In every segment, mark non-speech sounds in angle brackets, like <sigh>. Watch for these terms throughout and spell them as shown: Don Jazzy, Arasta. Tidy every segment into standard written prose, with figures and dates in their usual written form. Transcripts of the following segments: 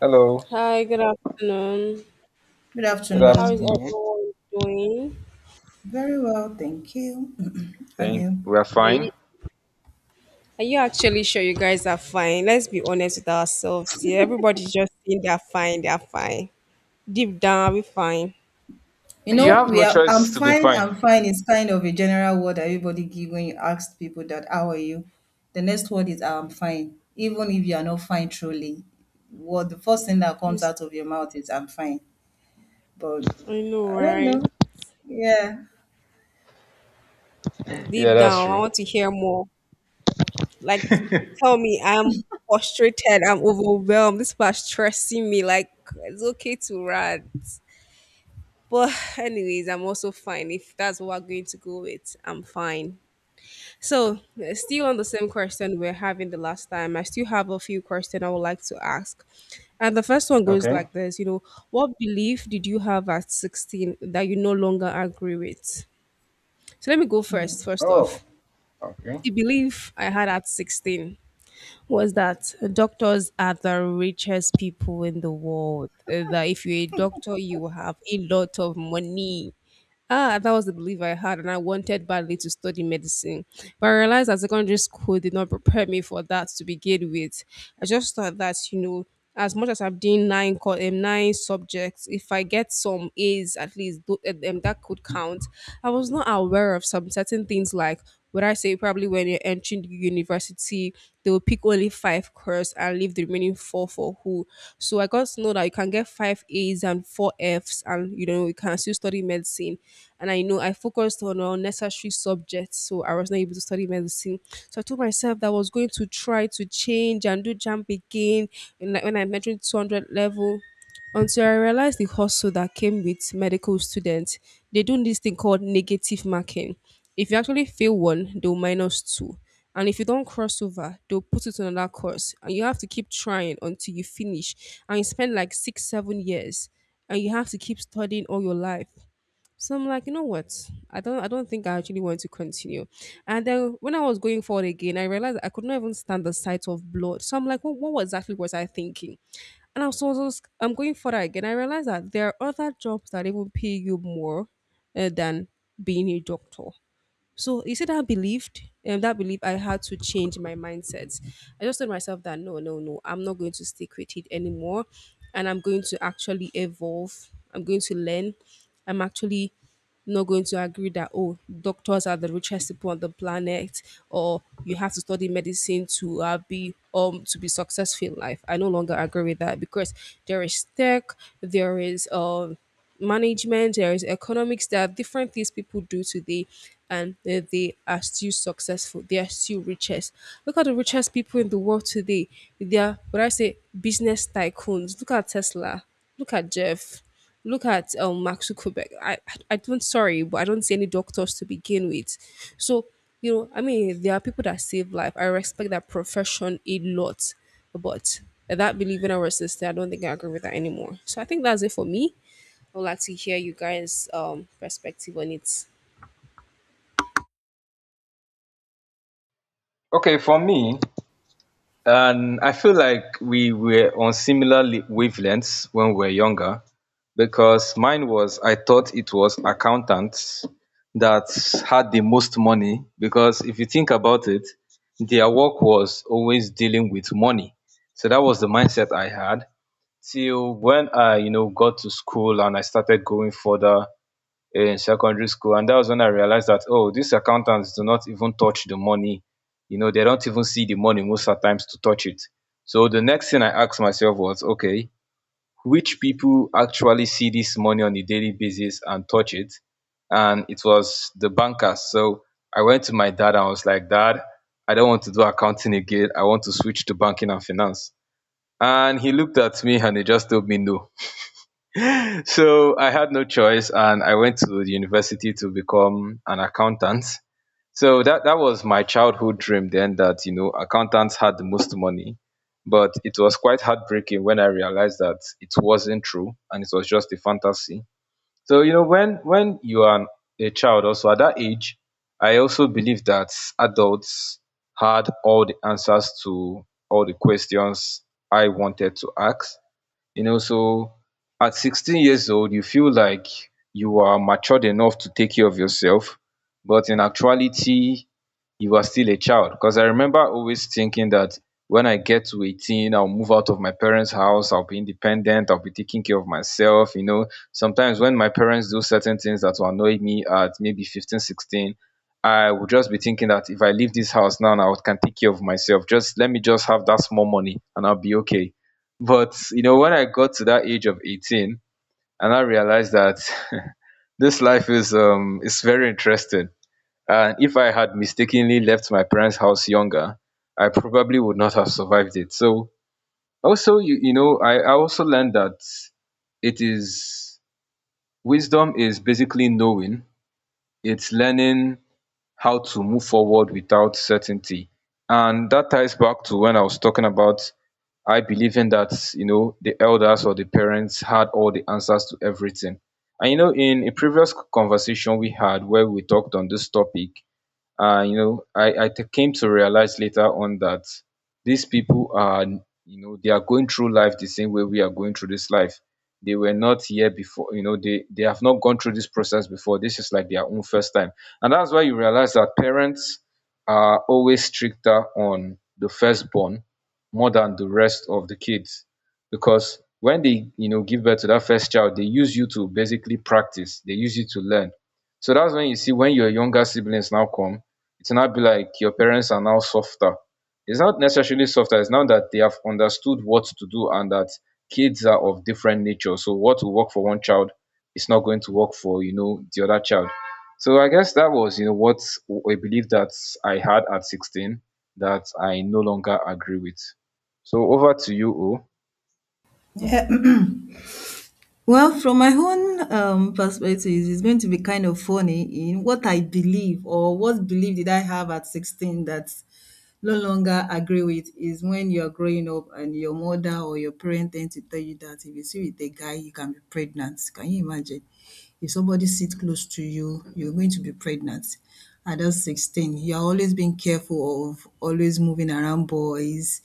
Hello, Hi, good afternoon. Good good How is afternoon. afternoon. everyone doing? Very well, thank you. <clears throat> And Thank you? we are Are you, fine. are you actually sure you guys are fine? Let's be honest with ourselves here. Everybody's just saying they're fine. Deep down, we're fine. You You know, have we no are. I'm choice to be fine. fine. I'm fine. It's kind of a general word that everybody give when you ask people that how are you. The next word is I'm fine. Even if you are not fine truly, what the first thing that comes Yes, out of your mouth is I'm fine. But I know, I don't right? know. Yeah. <clears throat> Yeah, Deep that's down, I true. want to hear more. Like, <laughs> tell me, I'm frustrated, I'm overwhelmed. This part stressing me. Like, it's okay to rant. But, anyways, I'm also fine. If that's what we're going to go with, I'm fine. So, still on the same question we are having the last time, I still have a few questions I would like to ask. And the first one goes Okay. like this. You know, what belief did you have at 16 that you no longer agree with? So, let me go first. First Oh, off, okay. the belief I had at 16 was that doctors are the richest people in the world. That if you're a doctor, you have a lot of money. Ah, that was the belief I had, and I wanted badly to study medicine. But I realized that secondary school did not prepare me for that to begin with. I just thought that, you know, as much as I'm doing nine subjects, if I get some A's at least, that could count. I was not aware of some certain things like, would I say, probably when you're entering the university, they will pick only five course and leave the remaining four for who? So I got to know that you can get five A's and four F's, and you know you can still study medicine. And I know I focused on unnecessary subjects, so I was not able to study medicine. So I told myself that I was going to try to change and do jump again. And like when I mentioned 200 level, until I realized the hustle that came with medical students. They do this thing called negative marking. If you actually fail one, they'll minus two. And if you don't cross over, they'll put it on another course. And you have to keep trying until you finish. And you spend like six, 7 years. And you have to keep studying all your life. So I'm like, you know what? I don't think I actually want to continue. And then when I was going forward again, I realized I could not even stand the sight of blood. So I'm like, what exactly was I thinking? And I was, I'm going further again. I realized that there are other jobs that even pay you more than being a doctor. So you see that believed that belief I had to change my mindset. I just told myself that no, no, no, I'm not going to stick with it anymore. And I'm going to actually evolve. I'm going to learn. I'm actually not going to agree that, oh, doctors are the richest people on the planet, or you have to study medicine to be to be successful in life. I no longer agree with that because there is tech, there is management, there is economics, there are different things people do today, and they are still successful. They are still richest. Look at the richest people in the world today. They are what I say business tycoons. Look at Tesla. Look at Jeff. Look at Mark Zuckerberg. I don't, sorry, but I don't see any doctors to begin with. So, you know, I mean, there are people that save life. I respect that profession a lot, but that believing our sister, I don't think I agree with that anymore. So I think that's it for me. I would like to hear you guys' perspective on it. Okay, for me, and I feel like we were on similar wavelengths when we were younger, because mine was I thought it was accountants that had the most money, because if you think about it, their work was always dealing with money. So that was the mindset I had. Till when I, you know, got to school and I started going further in secondary school, and that was when I realized that, oh, these accountants do not even touch the money. You know, they don't even see the money most at times to touch it. So the next thing I asked myself was, okay, which people actually see this money on a daily basis and touch it? And it was the bankers. So I went to my dad and I was like, dad, I don't want to do accounting again, I want to switch to banking and finance. And he looked at me and he just told me no. So I had no choice and I went to the university to become an accountant. So that was my childhood dream then, that, you know, accountants had the most money. But it was quite heartbreaking when I realized that it wasn't true and it was just a fantasy. So, you know, when you are a child also at that age, I also believed that adults had all the answers to all the questions I wanted to ask. You know, so at 16 years old, you feel like you are matured enough to take care of yourself, but in actuality, you are still a child, because I remember always thinking that when I get to 18, I'll move out of my parents' house, I'll be independent, I'll be taking care of myself. You know, sometimes when my parents do certain things that will annoy me at maybe 15, 16, I would just be thinking that if I leave this house now, I can take care of myself. Just let me just have that small money and I'll be okay. But you know, when I got to that age of 18 and I realized that, <laughs> this life is very interesting, and if I had mistakenly left my parents' house younger, I probably would not have survived it. So also, I also learned that it is wisdom is basically knowing, it's learning how to move forward without certainty. And that ties back to when I was talking about I believing that, you know, the elders or the parents had all the answers to everything. And you know, in a previous conversation we had where we talked on this topic, you know, came to realize later on that these people are, you know, they are going through life the same way we are going through this life. They were not here before. You know, they have not gone through this process before. This is like their own first time. And that's why you realize that parents are always stricter on the firstborn more than the rest of the kids, because when they, you know, give birth to that first child, they use you to basically practice, they use you to learn. So that's when you see, when your younger siblings now come, it's not be like your parents are now softer. It's not necessarily softer, it's now that they have understood what to do, and that kids are of different nature. So what will work for one child is not going to work for, you know, the other child. So I guess that was, you know, what I believe that I had at 16 that I no longer agree with. So over to you, O. Yeah. Well, from my own perspective, it's going to be kind of funny in what I believe or what belief did I have at 16 that no longer agree with is when you're growing up and your mother or your parent tend to tell you that if you see with a guy, you can be pregnant. Can you imagine? If somebody sits close to you, you're going to be pregnant. At that 16, you're always being careful of always moving around boys.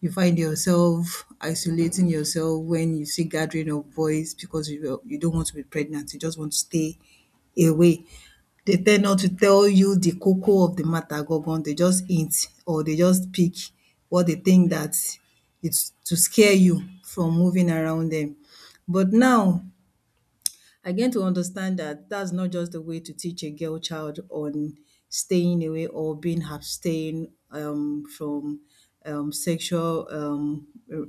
You find yourself isolating yourself when you see gathering of boys because you don't want to be pregnant. You just want to stay away. They tend not to tell you the cocoa of the matter gangan. They just hint or they just pick what they think that it's to scare you from moving around them. But now, I gained to understand that that's not just the way to teach a girl child on staying away or being abstain from sexual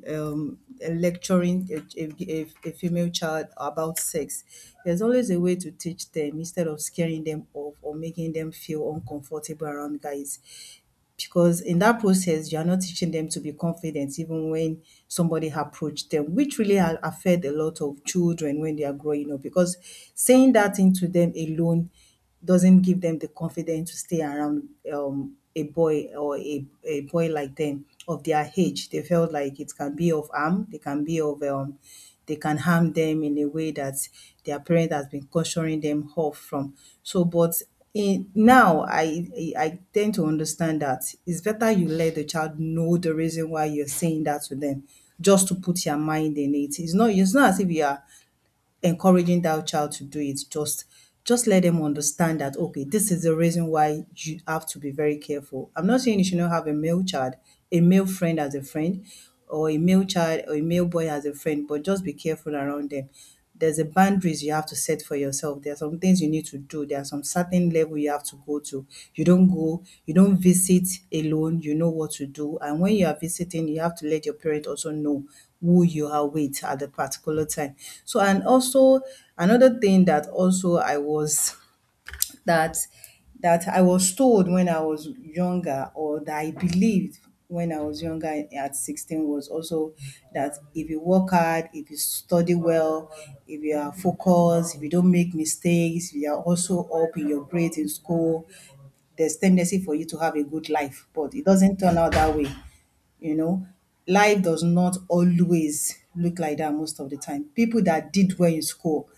um, lecturing a, a female child about sex. There's always a way to teach them instead of scaring them off or making them feel uncomfortable around guys because in that process you are not teaching them to be confident even when somebody approached them, which really affect a lot of children when they are growing up because saying that thing to them alone doesn't give them the confidence to stay around a boy or a boy like them of their age. They felt like it can be of harm, they can be of they can harm them in a way that their parent has been cautioning them off from. So but in now, I tend to understand that it's better you let the child know the reason why you're saying that to them, just to put your mind in it. It's not, it's not as if you are encouraging that child to do it. Just let them understand that okay, this is the reason why you have to be very careful. I'm not saying you should not have a male child, a male friend as a friend, or a male child or a male boy as a friend, but just be careful around them. There's a boundaries you have to set for yourself. There are some things you need to do. There are some certain level you have to go to. You don't go, you don't visit alone, you know what to do. And when you are visiting, you have to let your parent also know who you are with at the particular time. So and also, another thing that also I was, that that I was told when I was younger or that I believed when I was younger at 16 was also that if you work hard, if you study well, if you are focused, if you don't make mistakes, if you are also up in your grades in school, there's tendency for you to have a good life. But it doesn't turn out that way. You know, life does not always look like that most of the time. People that did well in school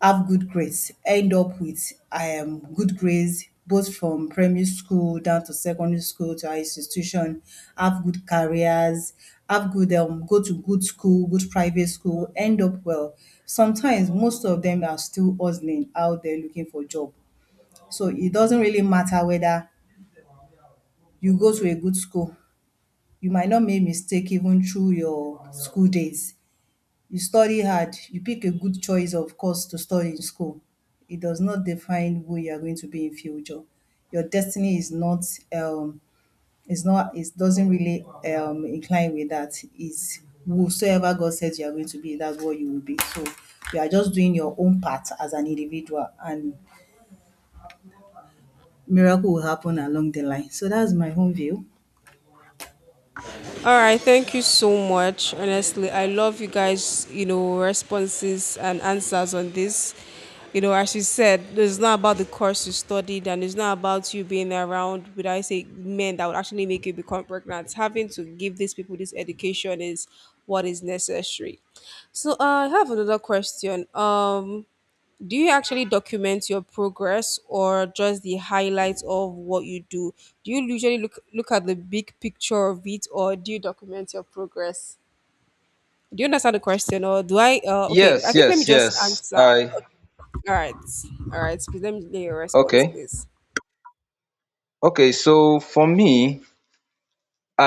have good grades, end up with good grades both from primary school down to secondary school to higher institution, have good careers, have good go to good school, good private school, end up well. Sometimes most of them are still hustling out there looking for job. So it doesn't really matter whether you go to a good school, you might not make mistake even through your school days. You study hard, you pick a good choice of course to study in school. It does not define who you are going to be in future. Your destiny is not um is not, it doesn't really incline with that. Is whosoever God says you are going to be, that's what you will be. So you are just doing your own part as an individual and miracle will happen along the line. So that's my own view. All right, thank you so much. Honestly, I love you guys, you know, responses and answers on this. You know, as you said, it's not about the course you studied and it's not about you being around, would I say, men that would actually make you become pregnant. Having to give these people this education is what is necessary. So, I have another question. Do you actually document your progress or just the highlights of what you do? Do you usually look at the big picture of it or do you document your progress? Do you understand the question or do I okay, Yes, I think let me yes, just yes. answer. I Okay. All right. All right. Please let me hear your response, okay. please. Okay, so for me,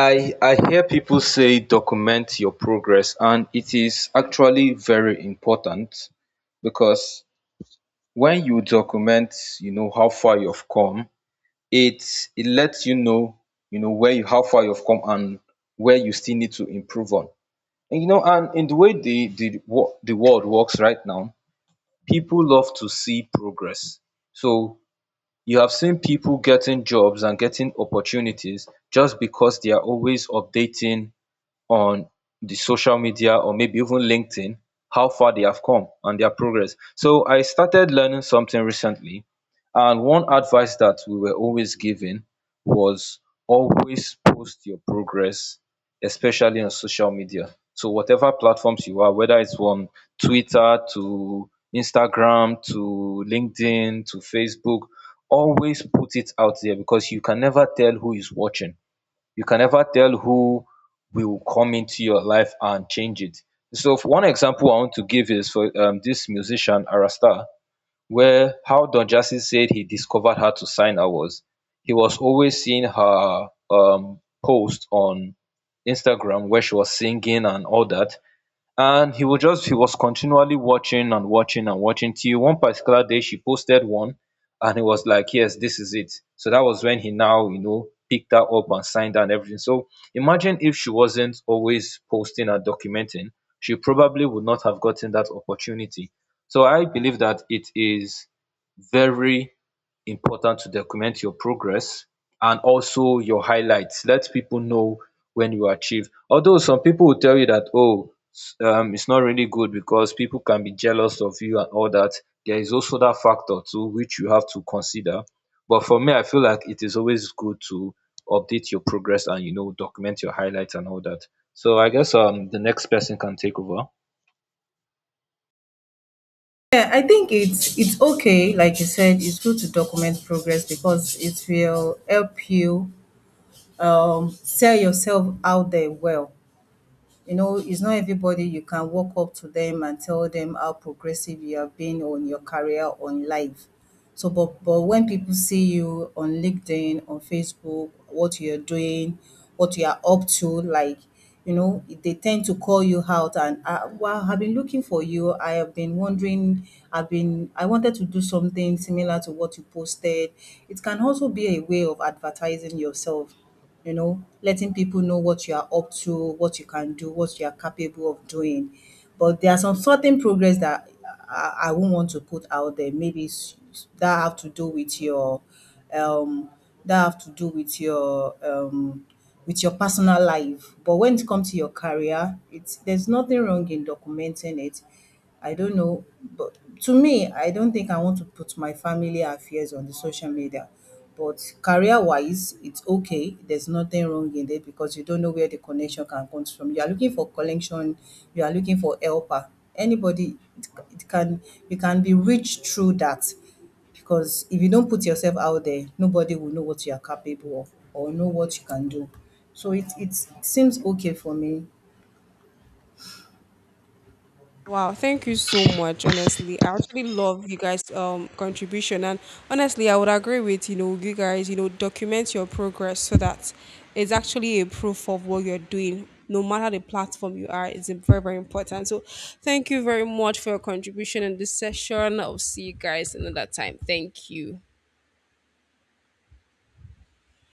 I hear people say document your progress, and it is actually very important, because when you document, you know how far you've come. It lets you know, you know, where you how far you've come and where you still need to improve on. And you know, and in the way the world works right now, people love to see progress. So you have seen people getting jobs and getting opportunities just because they are always updating on the social media, or maybe even LinkedIn, how far they have come and their progress. So I started learning something recently, and one advice that we were always given was always post your progress, especially on social media. So whatever platforms you are, whether it's on Twitter to Instagram to LinkedIn to Facebook, always put it out there, because you can never tell who is watching. You can never tell who will come into your life and change it. So for one example I want to give is for this musician Arasta, where how Don Jazzy said he discovered her to sign her was he was always seeing her post on Instagram where she was singing and all that. And he would just he was continually watching and watching and watching, till one particular day she posted one and he was like, yes, this is it. So that was when he now, you know, picked her up and signed her and everything. So imagine if she wasn't always posting and documenting, she probably would not have gotten that opportunity. So I believe that it is very important to document your progress and also your highlights. Let people know when you achieve. Although some people will tell you that, oh, it's not really good because people can be jealous of you and all that. There is also that factor too, which you have to consider. But for me, I feel like it is always good to update your progress and, you know, document your highlights and all that. So I guess the next person can take over. Yeah, I think it's okay. Like you said, it's good to document progress because it will help you sell yourself out there well. You know, it's not everybody you can walk up to them and tell them how progressive you have been on your career, on life. So, but when people see you on LinkedIn, on Facebook, what you're doing, what you are up to, like you know, they tend to call you out and wow, I've been looking for you. I have been wondering. I've been. I wanted to do something similar to what you posted. It can also be a way of advertising yourself, you know, letting people know what you are up to, what you can do, what you are capable of doing. But there are some certain progress that I won't want to put out there. Maybe that have to do with your, um, that have to do with your personal life. But when it comes to your career, it's there's nothing wrong in documenting it. I don't know, but to me, I don't think I want to put my family affairs on the social media. But career wise, it's okay. There's nothing wrong in it because you don't know where the connection can come from. You are looking for connection, you are looking for helper. Anybody, it can, you can be rich through that, because if you don't put yourself out there, nobody will know what you are capable of or know what you can do. So it seems okay for me. Wow, thank you so much. Honestly, I actually love you guys' contribution, and honestly, I would agree with, you know, you guys. You know, document your progress so that it's actually a proof of what you're doing, no matter the platform you are. It's very very important. So, thank you very much for your contribution in this session. I'll see you guys another time. Thank you.